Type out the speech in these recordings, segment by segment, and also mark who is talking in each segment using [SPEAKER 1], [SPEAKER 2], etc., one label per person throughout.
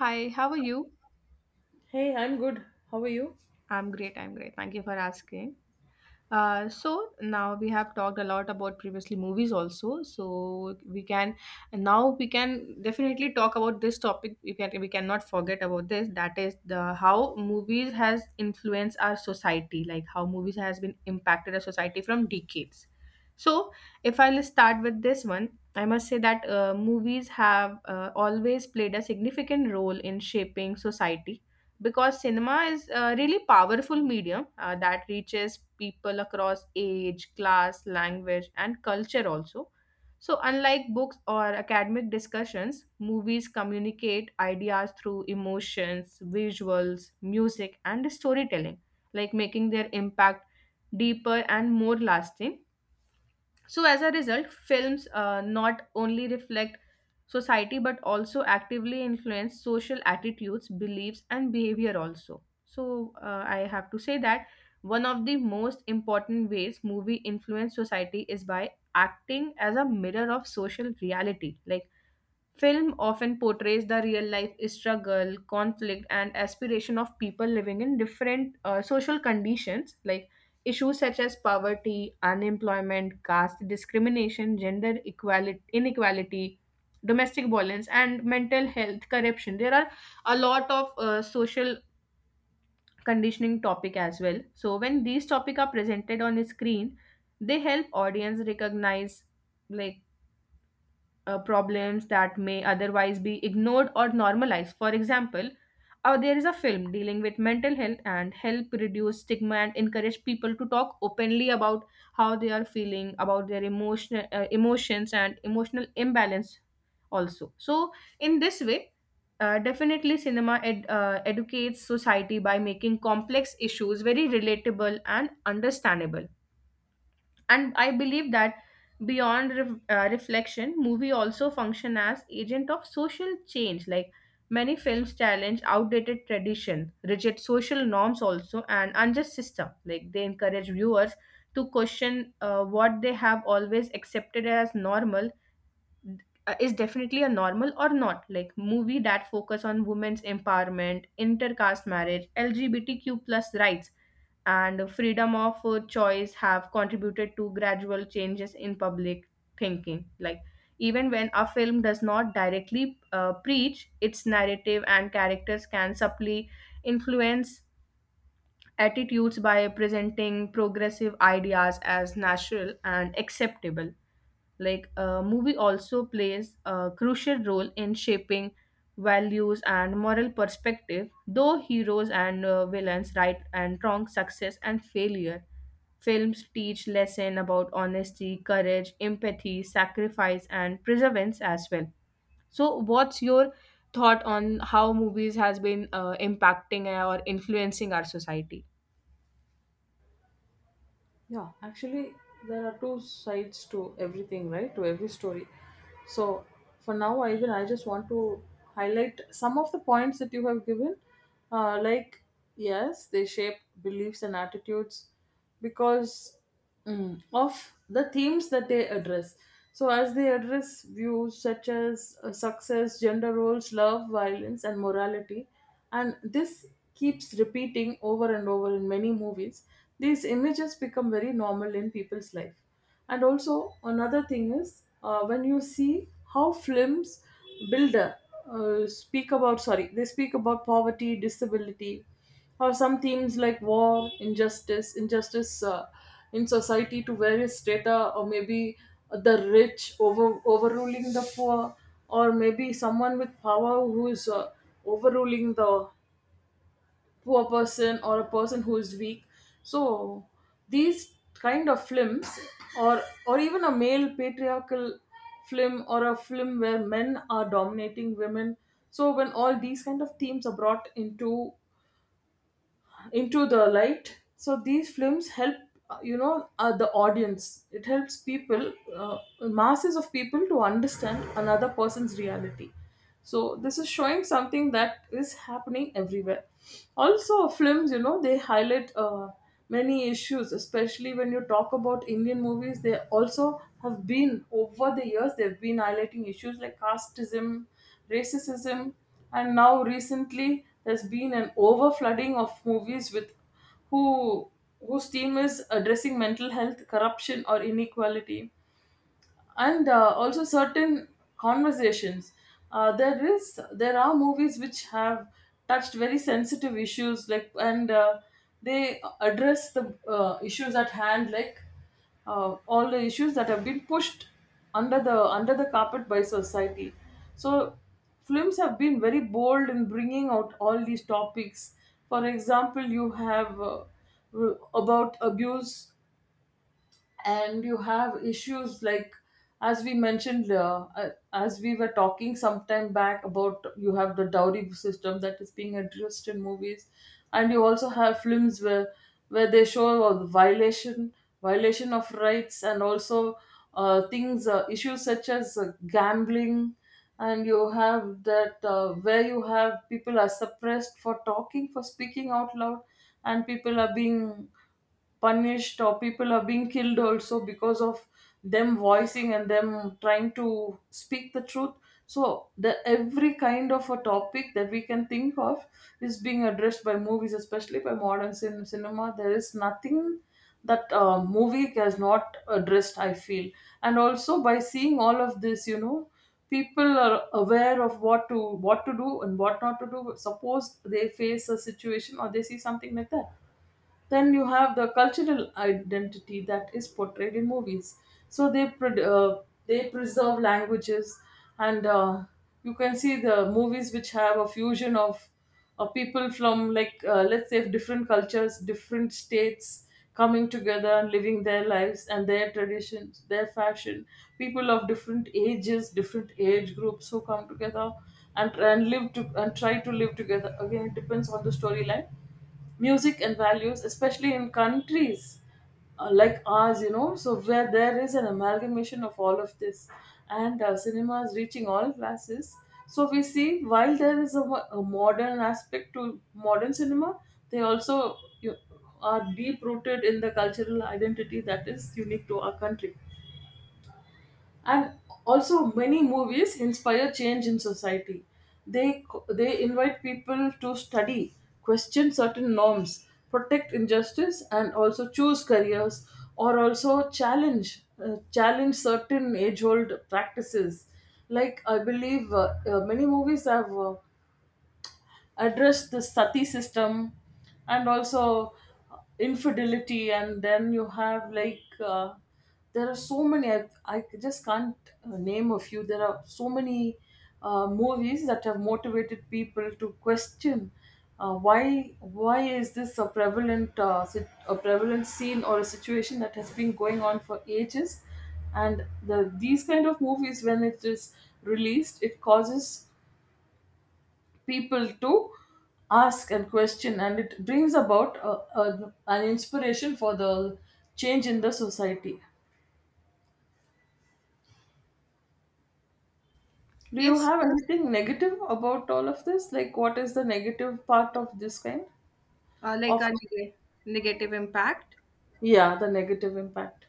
[SPEAKER 1] Hi, how are you?
[SPEAKER 2] Hey, I'm good. How are you?
[SPEAKER 1] I'm great, I'm great. Thank you for asking. So now we have talked a lot about previously movies also. We can definitely talk about this topic. We cannot forget about this. That is the how movies has influenced our society, like how movies has been impacted our society from decades. So if I'll start with this one, I must say that movies have always played a significant role in shaping society because cinema is a really powerful medium that reaches people across age, class, language, and culture also. So, unlike books or academic discussions, movies communicate ideas through emotions, visuals, music, and storytelling, like making their impact deeper and more lasting. So, as a result, films not only reflect society but also actively influence social attitudes, beliefs, and behavior, also. So, I have to say that one of the most important ways movie influence society is by acting as a mirror of social reality. Like, film often portrays the real life struggle, conflict, and aspiration of people living in different social conditions, like issues such as poverty, unemployment, caste discrimination, gender equality, inequality, domestic violence, and mental health corruption. There are a lot of social conditioning topic as well. So when these topic are presented on a screen, they help audience recognize, like, problems that may otherwise be ignored or normalized. For example, there is a film dealing with mental health and help reduce stigma and encourage people to talk openly about how they are feeling, about their emotional emotions and emotional imbalance also. So in this way, definitely educates society by making complex issues very relatable and understandable, and I believe that beyond reflection movie also function as agent of social change, like many films challenge outdated tradition, rigid social norms also, and unjust system, like they encourage viewers to question what they have always accepted as normal, is definitely a normal or not, like movie that focus on women's empowerment, intercaste marriage, LGBTQ plus rights, and freedom of choice have contributed to gradual changes in public thinking. Like, even when a film does not directly preach, its narrative and characters can subtly influence attitudes by presenting progressive ideas as natural and acceptable. Like, a movie also plays a crucial role in shaping values and moral perspective, though heroes and villains, right and wrong, success and failure. Films teach lesson about honesty, courage, empathy, sacrifice, and perseverance as well. So, what's your thought on how movies has been impacting or influencing our society?
[SPEAKER 2] Yeah. Actually, there are two sides to everything, right? To every story. So, for now, even I just want to highlight some of the points that you have given. Like, yes, they shape beliefs and attitudes because of the themes that they address. So, as they address views such as success, gender roles, love, violence, and morality, and this keeps repeating over and over in many movies, these images become very normal in people's life. And also, another thing is when you see how films builder, a, speak about, sorry, they speak about poverty, disability, or some themes like war, injustice, in society to various strata, or maybe the rich overruling the poor, or maybe someone with power who is overruling the poor person or a person who is weak. So these kind of films, or or even a male patriarchal film or a film where men are dominating women. So when all these kind of themes are brought into the light, so these films help the audience, it helps people masses of people to understand another person's reality. So this is showing something that is happening everywhere. Also, films, they highlight many issues, especially when you talk about Indian movies. They also have been, over the years, they've been highlighting issues like casteism, racism. And now recently there's been an overflooding of movies with who whose theme is addressing mental health, corruption, or inequality. And also certain conversations, there are movies which have touched very sensitive issues, like, and they address the issues at hand, like all the issues that have been pushed under the carpet by society. So films have been very bold in bringing out all these topics. For example, you have about abuse, and you have issues like, as we mentioned, as we were talking sometime back about, you have the dowry system that is being addressed in movies. And you also have films where they show violation of rights, and also things issues such as gambling. And you have that, where you have people are suppressed for speaking out loud, and people are being punished or people are being killed also because of them voicing and them trying to speak the truth. So the every kind of a topic that we can think of is being addressed by movies, especially by modern cinema. There is nothing that movie has not addressed, I feel. And also, by seeing all of this, people are aware of what to do and what not to do, suppose they face a situation or they see something like that. Then you have the cultural identity that is portrayed in movies. So they preserve languages, and you can see the movies which have a fusion of people from, like, let's say, different cultures, different states coming together and living their lives and their traditions, their fashion. People of different ages, different age groups who come together and live to and try to live together. Again, it depends on the storyline, music and values, especially in countries like ours, so where there is an amalgamation of all of this. And cinema is reaching all classes. So we see, while there is a modern aspect to modern cinema, they also are deep rooted in the cultural identity that is unique to our country. And also, many movies inspire change in society. They they invite people to study, question certain norms, protect injustice, and also choose careers, or also challenge certain age old practices. Like, I believe, many movies have address the sati system, and also infidelity. And then you have, like, there are so many. I just can't name a few. There are so many movies that have motivated people to question why is this a prevalent scene or a situation that has been going on for ages. And these kind of movies, when it is released, it causes people to ask and question, and it brings about an inspiration for the change in the society. Do you
[SPEAKER 1] Yes,
[SPEAKER 2] have anything negative about all of this, like what is the negative part of this kind
[SPEAKER 1] uh, like
[SPEAKER 2] of?
[SPEAKER 1] a neg- negative impact.
[SPEAKER 2] Yeah, the negative impact.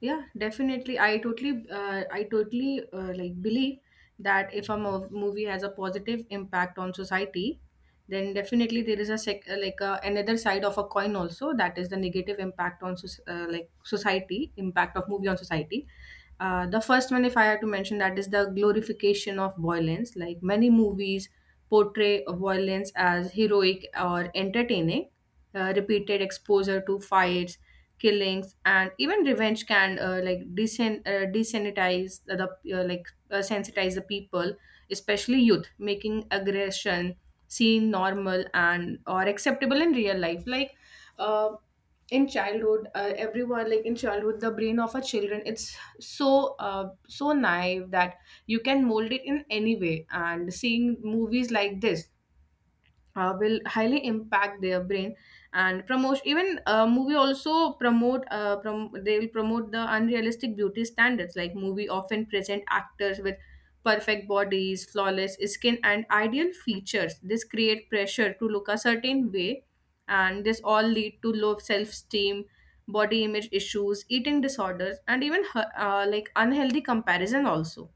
[SPEAKER 1] Yeah, definitely. I totally like believe that if a movie has a positive impact on society, then definitely there is a like, another side of a coin also, that is the negative impact on like society, impact of movie on society. The first one, if I had to mention, that is the glorification of violence. Like, many movies portray violence as heroic or entertaining. Repeated exposure to fights, killings, and even revenge can like desanitize the like, sensitize the people, especially youth, making aggression seem normal and or acceptable in real life. Like, uh, in childhood, everyone, like in childhood, the brain of a children, it's so, so naive that you can mold it in any way, and seeing movies like this will highly impact their brain and promote. Even movie also promote, they will promote the unrealistic beauty standards. Like, movie often present actors with perfect bodies, flawless skin, and ideal features. This create pressure to look a certain way, and this all lead to low self-esteem, body image issues, eating disorders, and even like unhealthy comparison also.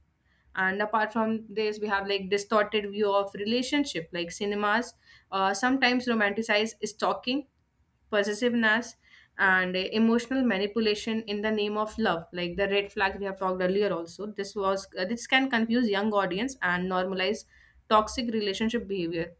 [SPEAKER 1] And apart from this, we have like distorted view of relationship, like cinemas sometimes romanticize stalking, possessiveness, and emotional manipulation in the name of love, like the red flag we have talked earlier also. This can confuse young audience and normalize toxic relationship behavior.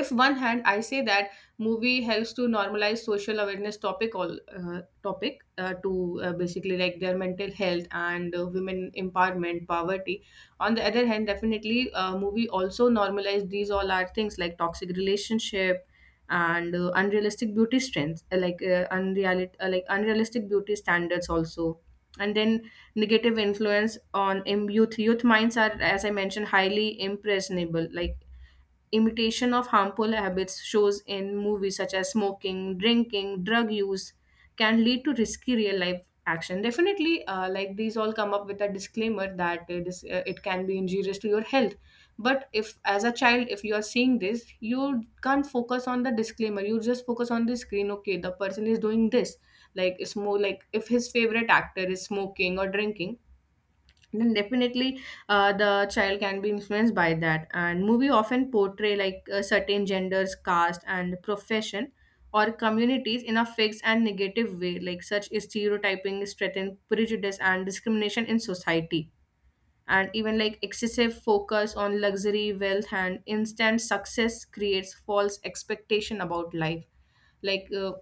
[SPEAKER 1] If one hand I say that movie helps to normalize social awareness topic, all topic, to basically, like, their mental health and women empowerment, poverty, on the other hand, definitely movie also normalize these all are things like toxic relationship, and unrealistic beauty strengths, like, unreal like unrealistic beauty standards also. And then negative influence on youth. Youth minds are, as I mentioned, highly impressionable, like imitation of harmful habits shows in movies such as smoking, drinking, drug use can lead to risky real life action. Definitely, like these all come up with a disclaimer that it is it can be injurious to your health. But if as a child, if you are seeing this, you can't focus on the disclaimer. You just focus on the screen. Okay, the person is doing this. Like, it's more like if his favorite actor is smoking or drinking, then definitely the child can be influenced by that. And movie often portray, like, certain genders, caste, and profession or communities in a fixed and negative way, like such stereotyping strengthen prejudice and discrimination in society. And even, like, excessive focus on luxury, wealth, and instant success creates false expectation about life, like,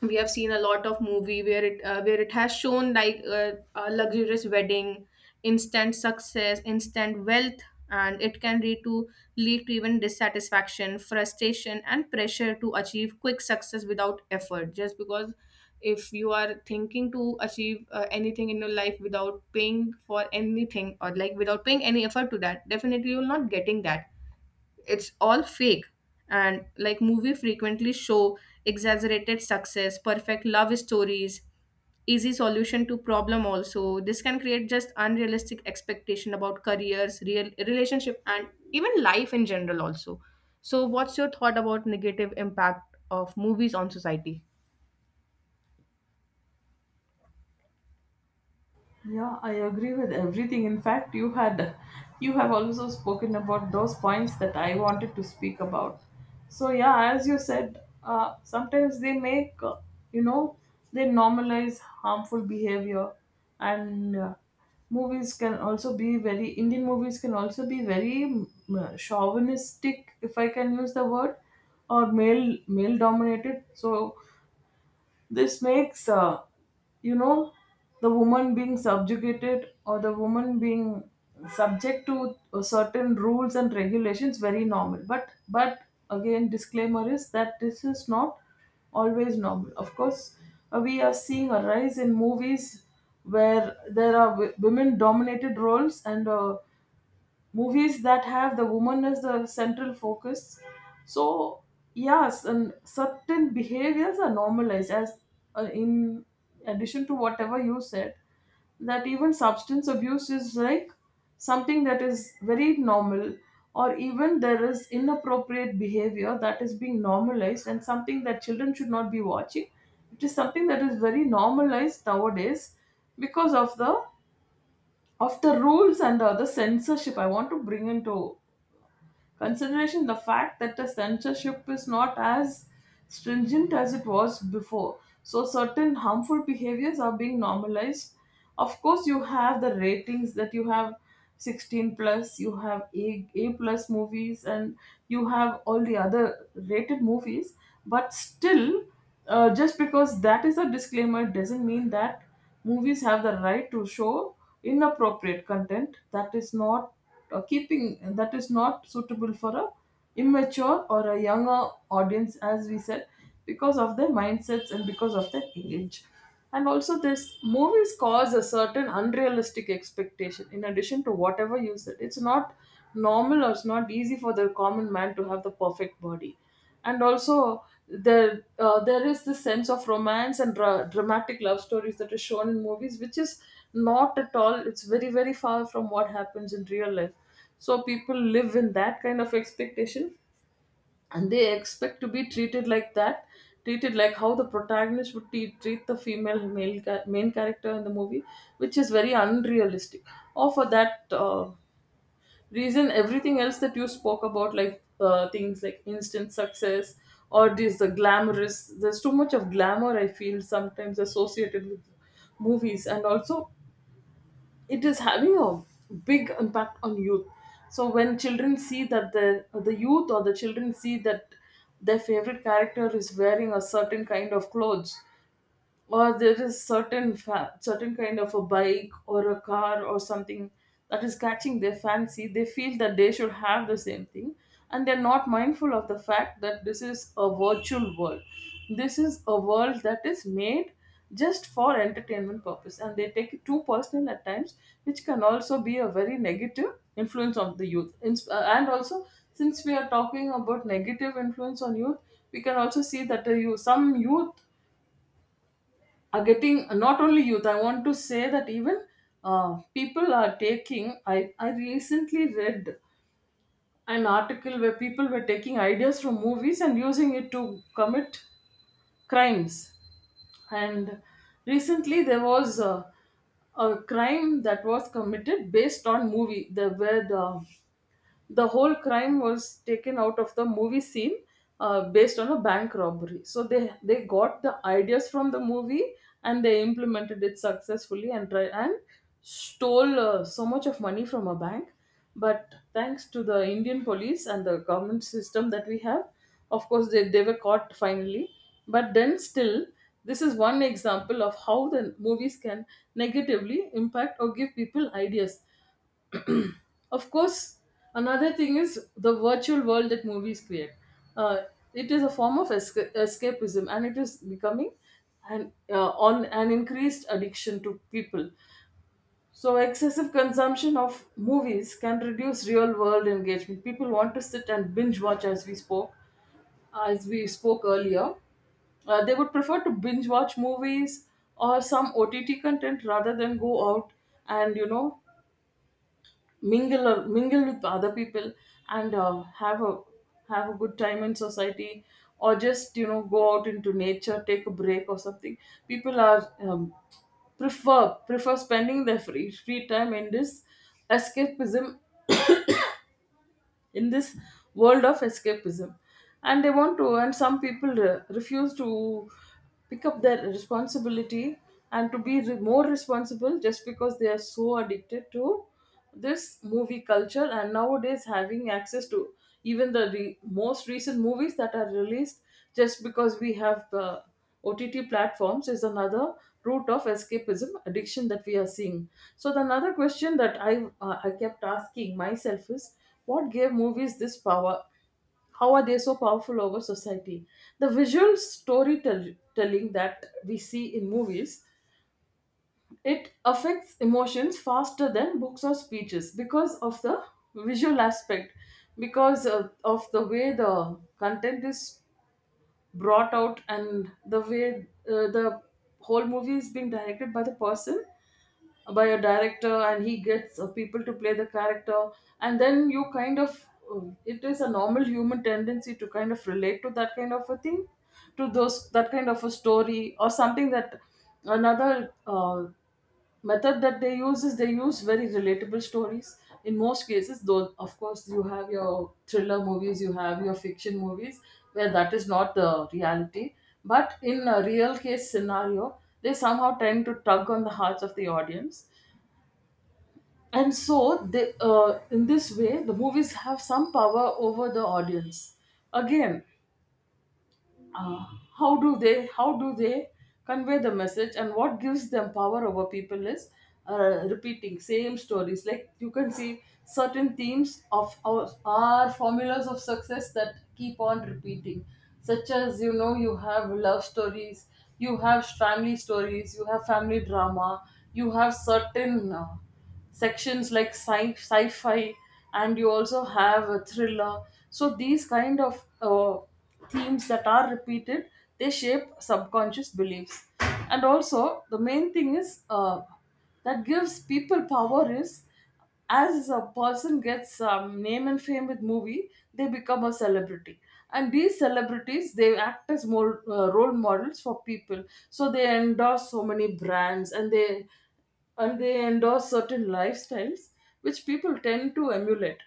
[SPEAKER 1] we have seen a lot of movie where it has shown, like, a luxurious wedding, instant success, instant wealth, and it can lead to even dissatisfaction, frustration, and pressure to achieve quick success without effort, just because if you are thinking to achieve anything in your life without paying for anything, or like without paying any effort to that, definitely you're not getting that. It's all fake. And like movie frequently show exaggerated success, perfect love stories, easy solution to problem also. This can create just unrealistic expectation about careers, real relationship, and even life in general also. So what's your thought about negative impact of movies on society?
[SPEAKER 2] Yeah, I agree with everything. In fact, you have also spoken about those points that I wanted to speak about. So yeah, as you said, sometimes they make you know they normalize harmful behavior. And movies can also be very Indian movies can also be very chauvinistic, if I can use the word, or male dominated. So this makes, you know, the woman being subjugated, or the woman being subject to certain rules and regulations very normal. But again, disclaimer is that this is not always normal. Of course, we are seeing a rise in movies where there are women dominated roles, and movies that have the woman as the central focus. So yes, and certain behaviors are normalized, as in addition to whatever you said, that even substance abuse is like something that is very normal. Or even there is inappropriate behavior that is being normalized, and something that children should not be watching, it is something that is very normalized nowadays, because of the rules, and the censorship. I want to bring into consideration the fact that the censorship is not as stringent as it was before. So certain harmful behaviors are being normalized. Of course, you have the ratings that you have: 16 plus, you have A plus movies, and you have all the other rated movies. But still, just because that is a disclaimer doesn't mean that movies have the right to show inappropriate content that is not suitable for a immature or a younger audience, as we said, because of their mindsets and because of their age. And also this movies cause a certain unrealistic expectation, in addition to whatever you said. It's not normal, or it's not easy for the common man to have the perfect body. And also there is this sense of romance and dramatic love stories that is shown in movies, which is not at all, it's very, very far from what happens in real life. So people live in that kind of expectation, and they expect to be treated like that, treated like how the protagonist would treat the main character in the movie, which is very unrealistic. Or for that reason, everything else that you spoke about, like things like instant success, or this the glamorous there's too much of glamour, I feel, sometimes associated with movies. And also, it is having a big impact on youth. So when children see that the youth, or the children see that their favorite character is wearing a certain kind of clothes, or there is certain kind of a bike or a car or something that is catching their fancy, they feel that they should have the same thing. And they're not mindful of the fact that this is a virtual world. This is a world that is made just for entertainment purpose, and they take it too personal at times, which can also be a very negative influence on the youth. And also, since we are talking about negative influence on youth, we can also see that the youth, some youth are getting, not only youth, I want to say that even people are taking. I recently read an article where people were taking ideas from movies and using it to commit crimes. And recently there was a crime that was committed based on movie, the where the whole crime was taken out of the movie scene, based on a bank robbery. So they got the ideas from the movie, and they implemented it successfully, and stole so much of money from a bank. But thanks to the Indian police and the government system that we have, of course they were caught finally. But then still, this is one example of how the movies can negatively impact or give people ideas. Of course, another thing is the virtual world that movies create. uh, it is a form of escapism, and it is becoming an on an increased addiction to people. So excessive consumption of movies can reduce real world engagement. People want to sit and binge watch, as we spoke earlier, they would prefer to binge watch movies or some OTT content rather than go out, and mingle with other people, and have a good time in society, or just go out into nature, take a break or something. People are prefer spending their free time in this escapism, in this world of escapism. And they want to, and some people refuse to pick up their responsibility and to be more responsible, just because they are so addicted to this movie culture. And nowadays, having access to even the most recent movies that are released, just because we have the OTT platforms, is another route of escapism addiction that we are seeing. So the another question that I I kept asking myself is, what gave movies this power? How are they so powerful over society? The visual storytelling that we see in movies, it affects emotions faster than books or speeches because of the visual aspect, because of the way the content is brought out, and the way the whole movie is being directed by the person, by a director, and he gets people to play the character. And then you kind of it is a normal human tendency to kind of relate to that kind of a thing, to those, that kind of a story or something. That another method that they use is, they use very relatable stories in most cases, though of course you have your thriller movies, you have your fiction movies, where that is not the reality. But in a real case scenario, they somehow tend to tug on the hearts of the audience, and so they, in this way the movies have some power over the audience. Again, uh, how do they convey the message, and what gives them power over people is repeating same stories. Like you can see certain themes of our formulas of success that keep on repeating, such as, you know, you have love stories, you have family stories, you have family drama, you have certain sections like sci-fi, and you also have a thriller. So these kind of themes that are repeated, they shape subconscious beliefs. And also the main thing is, that gives people power is, as a person gets name and fame with movie, they become a celebrity, and these celebrities, they act as more role models for people. So they endorse so many brands, and they endorse certain lifestyles, which people tend to emulate.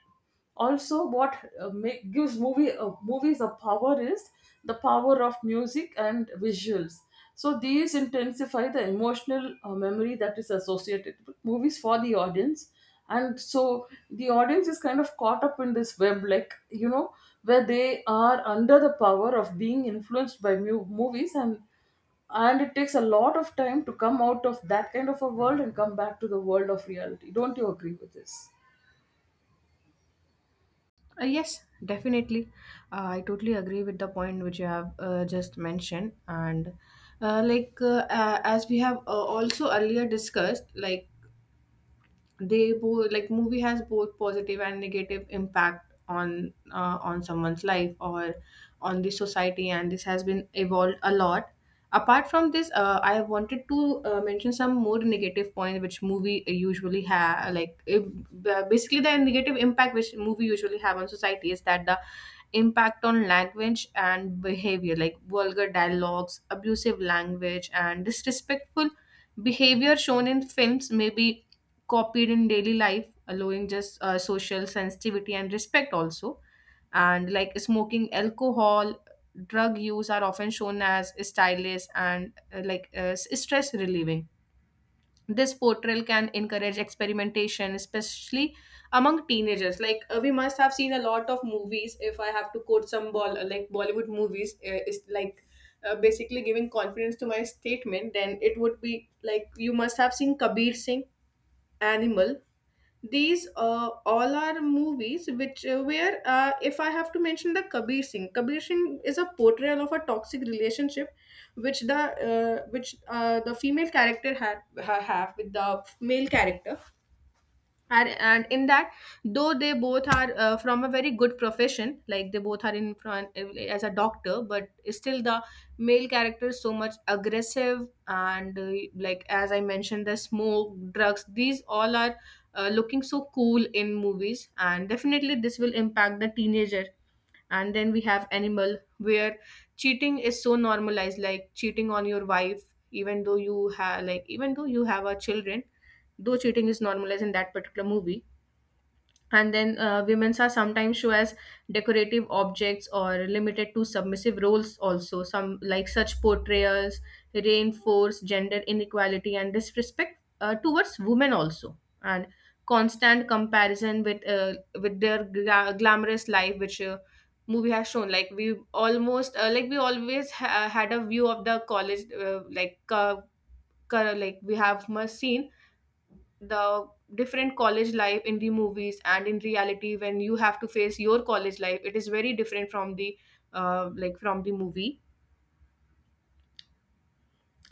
[SPEAKER 2] Also what gives movies a power is the power of music and visuals. So these intensify the emotional memory that is associated with movies for the audience. And so the audience is kind of caught up in this web, like, you know, where they are under the power of being influenced by movies, and it takes a lot of time to come out of that kind of a world and come back to the world of reality. Don't you agree with this?
[SPEAKER 1] Yes, definitely. I totally agree with the point which you have just mentioned. And as we have also earlier discussed, like they both, like movie has both positive and negative impact on someone's life or on the society, and this has been evolved a lot. Apart from this, I wanted to mention some more negative points which movie usually have, like it, basically the negative impact which movie usually have on society is that the impact on language and behavior, like vulgar dialogues, abusive language, and disrespectful behavior shown in films may be copied in daily life, allowing just social sensitivity and respect also. And like smoking, alcohol, drug use are often shown as stylish and like, stress relieving. This portrayal can encourage experimentation, especially among teenagers. Like, we must have seen a lot of movies. If I have to quote some ball, like Bollywood movies, is like basically giving confidence to my statement. Then it would be like you must have seen Kabir Singh, Animal. These all are movies which where if I have to mention the Kabir Singh, Kabir Singh is a portrayal of a toxic relationship which the female character have with the male character. And in that, though they both are from a very good profession, like they both are in front as a doctor, but still the male character is so much aggressive, and like as I mentioned, the smoke, drugs, these all are looking so cool in movies, and definitely this will impact the teenager. And then we have Animal, where cheating is so normalized, like cheating on your wife, even though you have like, even though you have a children, though cheating is normalized in that particular movie. And then women's are sometimes shown as decorative objects or limited to submissive roles also. Some, like such portrayals reinforce gender inequality and disrespect towards women also. And constant comparison with their glamorous life which movie has shown, like we almost like we always had a view of the college like like we have must seen the different college life in the movies, and in reality when you have to face your college life, it is very different from the like from the movie.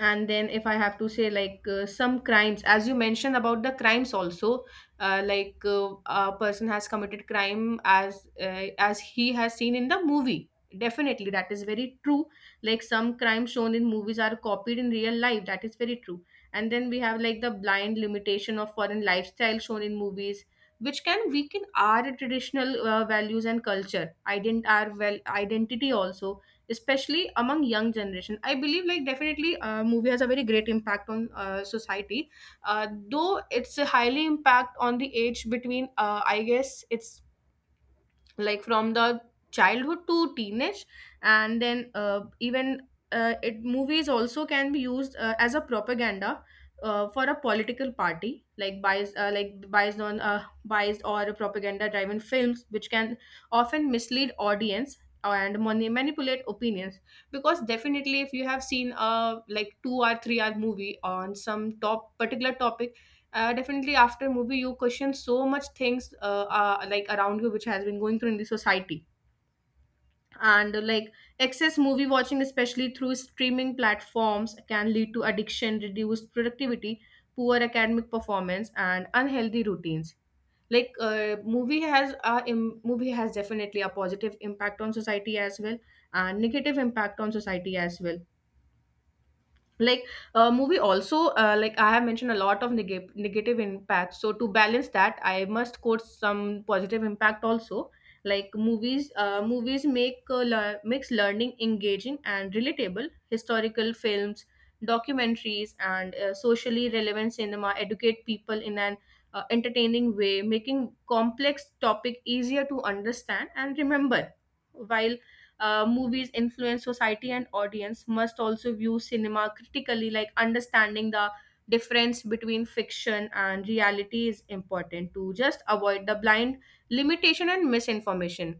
[SPEAKER 1] And then if I have to say, like, some crimes, as you mentioned about the crimes also, like, a person has committed crime as he has seen in the movie. Definitely that is very true. Like some crimes shown in movies are copied in real life That is very true. And then we have like the blind limitation of foreign lifestyle shown in movies which can weaken our traditional values and culture our well identity also, especially among young generation. I believe like definitely movie has a very great impact on society. Though it's a highly impact on the age between I guess it's like from the childhood to teenage. And then even it movies also can be used as a propaganda for a political party, like biased on biased or propaganda driven films which can often mislead audience and manipulate opinions. Because definitely if you have seen a like 2 or 3-hour movie on some top particular topic, definitely, after movie, you question so much things like around you, which has been going through in the society. And like excess movie watching, especially through streaming platforms, can lead to addiction, reduced productivity, poor academic performance, and unhealthy routines. Like movie has definitely a positive impact on society as well, and negative impact on society as well. Like a movie also, like I have mentioned a lot of negative impacts, so to balance that I must quote some positive impact also. Like movies make makes learning engaging and relatable. Historical films, documentaries, and socially relevant cinema educate people in an entertaining way, making complex topic easier to understand and remember. While movies influence society and audience must also view cinema critically, like understanding the difference between fiction and reality is important to just avoid the blind limitation and misinformation.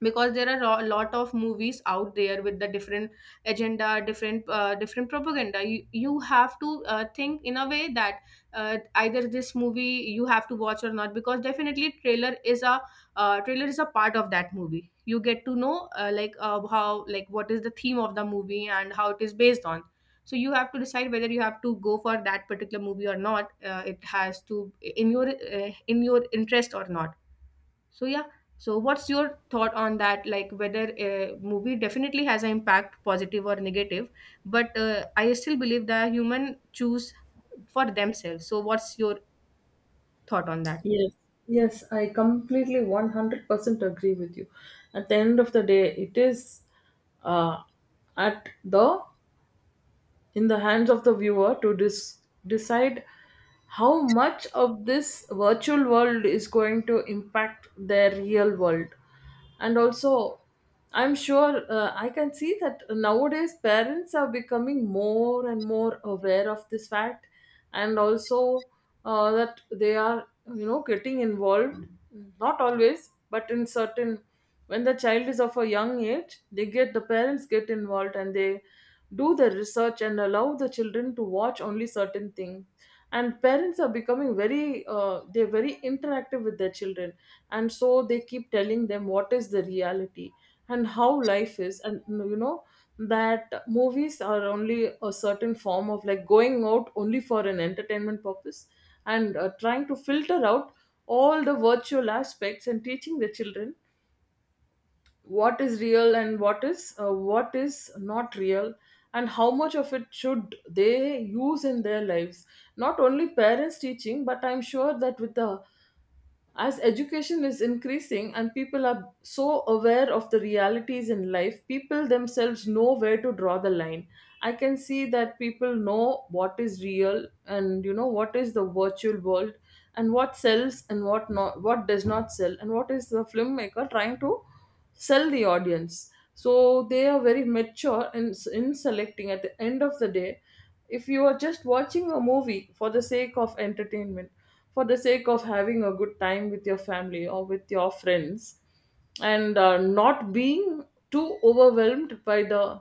[SPEAKER 1] Because there are a lot of movies out there with the different agenda, different different propaganda. You have to think in a way that, either this movie you have to watch or not. Because definitely trailer is a part of that movie. You get to know, like how like what is the theme of the movie and how it is based on. So you have to decide whether you have to go for that particular movie or not, it has to in your interest or not. So yeah, so what's your thought on that? Like whether a movie definitely has an impact, positive or negative, but I still believe that human choose for themselves. So what's your thought on that?
[SPEAKER 2] Yes, yes, I completely 100% agree with you. At the end of the day, it is, uh, at the in the hands of the viewer to decide how much of this virtual world is going to impact their real world. And also, I'm sure I can see that nowadays parents are becoming more and more aware of this fact. And also that they are, getting involved, not always, but in certain, when the child is of a young age, they get, the parents get involved, and they do the research and allow the children to watch only certain things. And parents are becoming very, they're very interactive with their children, and so they keep telling them what is the reality and how life is, and, you know that movies are only a certain form of, like, going out only for an entertainment purpose, and trying to filter out all the virtual aspects, and teaching the children what is real and what is not real, and how much of it should they use in their lives. Not only parents teaching, but I'm sure that with the, as education is increasing and people are so aware of the realities in life, people themselves know where to draw the line. I can see that people know what is real, and you know what is the virtual world, and what sells and what not, what does not sell, and what is the filmmaker trying to sell the audience. So they are very mature in selecting. At the end of the day, if you are just watching a movie for the sake of entertainment, for the sake of having a good time with your family or with your friends, and not being too overwhelmed by the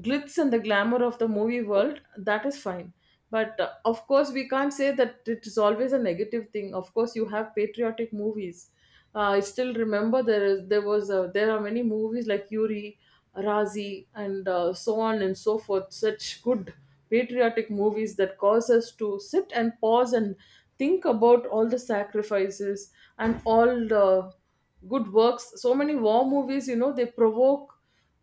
[SPEAKER 2] glitz and the glamour of the movie world, that is fine. But of course, we can't say that it is always a negative thing. Of course you have patriotic movies. I still remember, there is, there are many movies like Yuri, Razi, and so on and so forth. Such good patriotic movies that cause us to sit and pause and think about all the sacrifices and all the good works. So many war movies, they provoke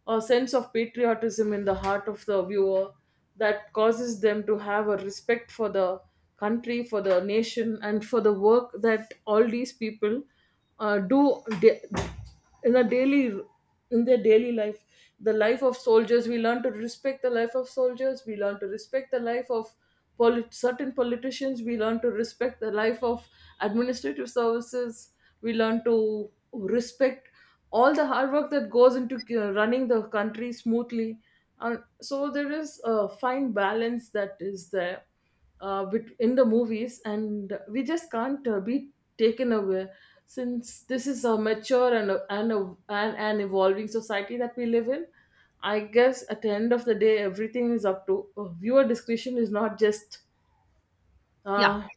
[SPEAKER 2] a sense of patriotism in the heart of the viewer, that causes them to have a respect for the country, for the nation, and for the work that all these people do, in the daily in their daily life. The life of soldiers, we learn to respect the life of soldiers. We learn to respect the life of certain politicians. We learn to respect the life of administrative services. We learn to respect all the hard work that goes into running the country smoothly. And so there is a fine balance that is there, in the movies, and we just can't, be taken away, since this is a mature and an evolving society that we live in. I guess at the end of the day, everything is up to viewer discretion. Is not just
[SPEAKER 1] Yeah.
[SPEAKER 2] uh,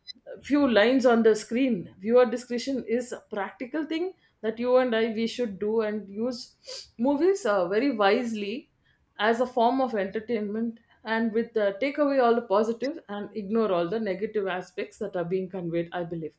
[SPEAKER 2] few lines on the screen. Viewer discretion is a practical thing, that you and I we should do, and use movies very wisely, as a form of entertainment, and with take away all the positive and ignore all the negative aspects that are being conveyed, I believe.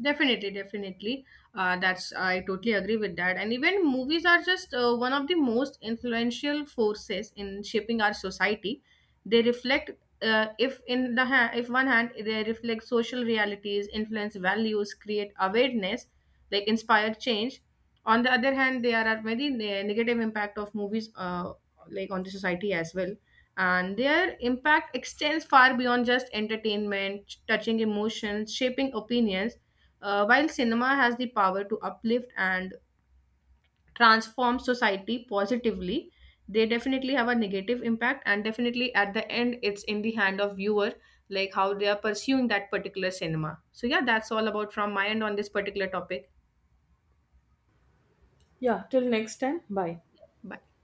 [SPEAKER 1] Definitely, definitely. That's I totally agree with that. And even movies are just one of the most influential forces in shaping our society. They reflect, if one hand they reflect social realities, influence values, create awareness, like inspire change. On the other hand, there are very negative impact of movies, like on the society as well, and their impact extends far beyond just entertainment, touching emotions, shaping opinions. While cinema has the power to uplift and transform society positively, they definitely have a negative impact, and definitely at the end, it's in the hand of viewer, like how they are pursuing that particular cinema. So yeah, that's all about from my end on this particular topic.
[SPEAKER 2] Yeah. Till next time. Bye.
[SPEAKER 1] Bye.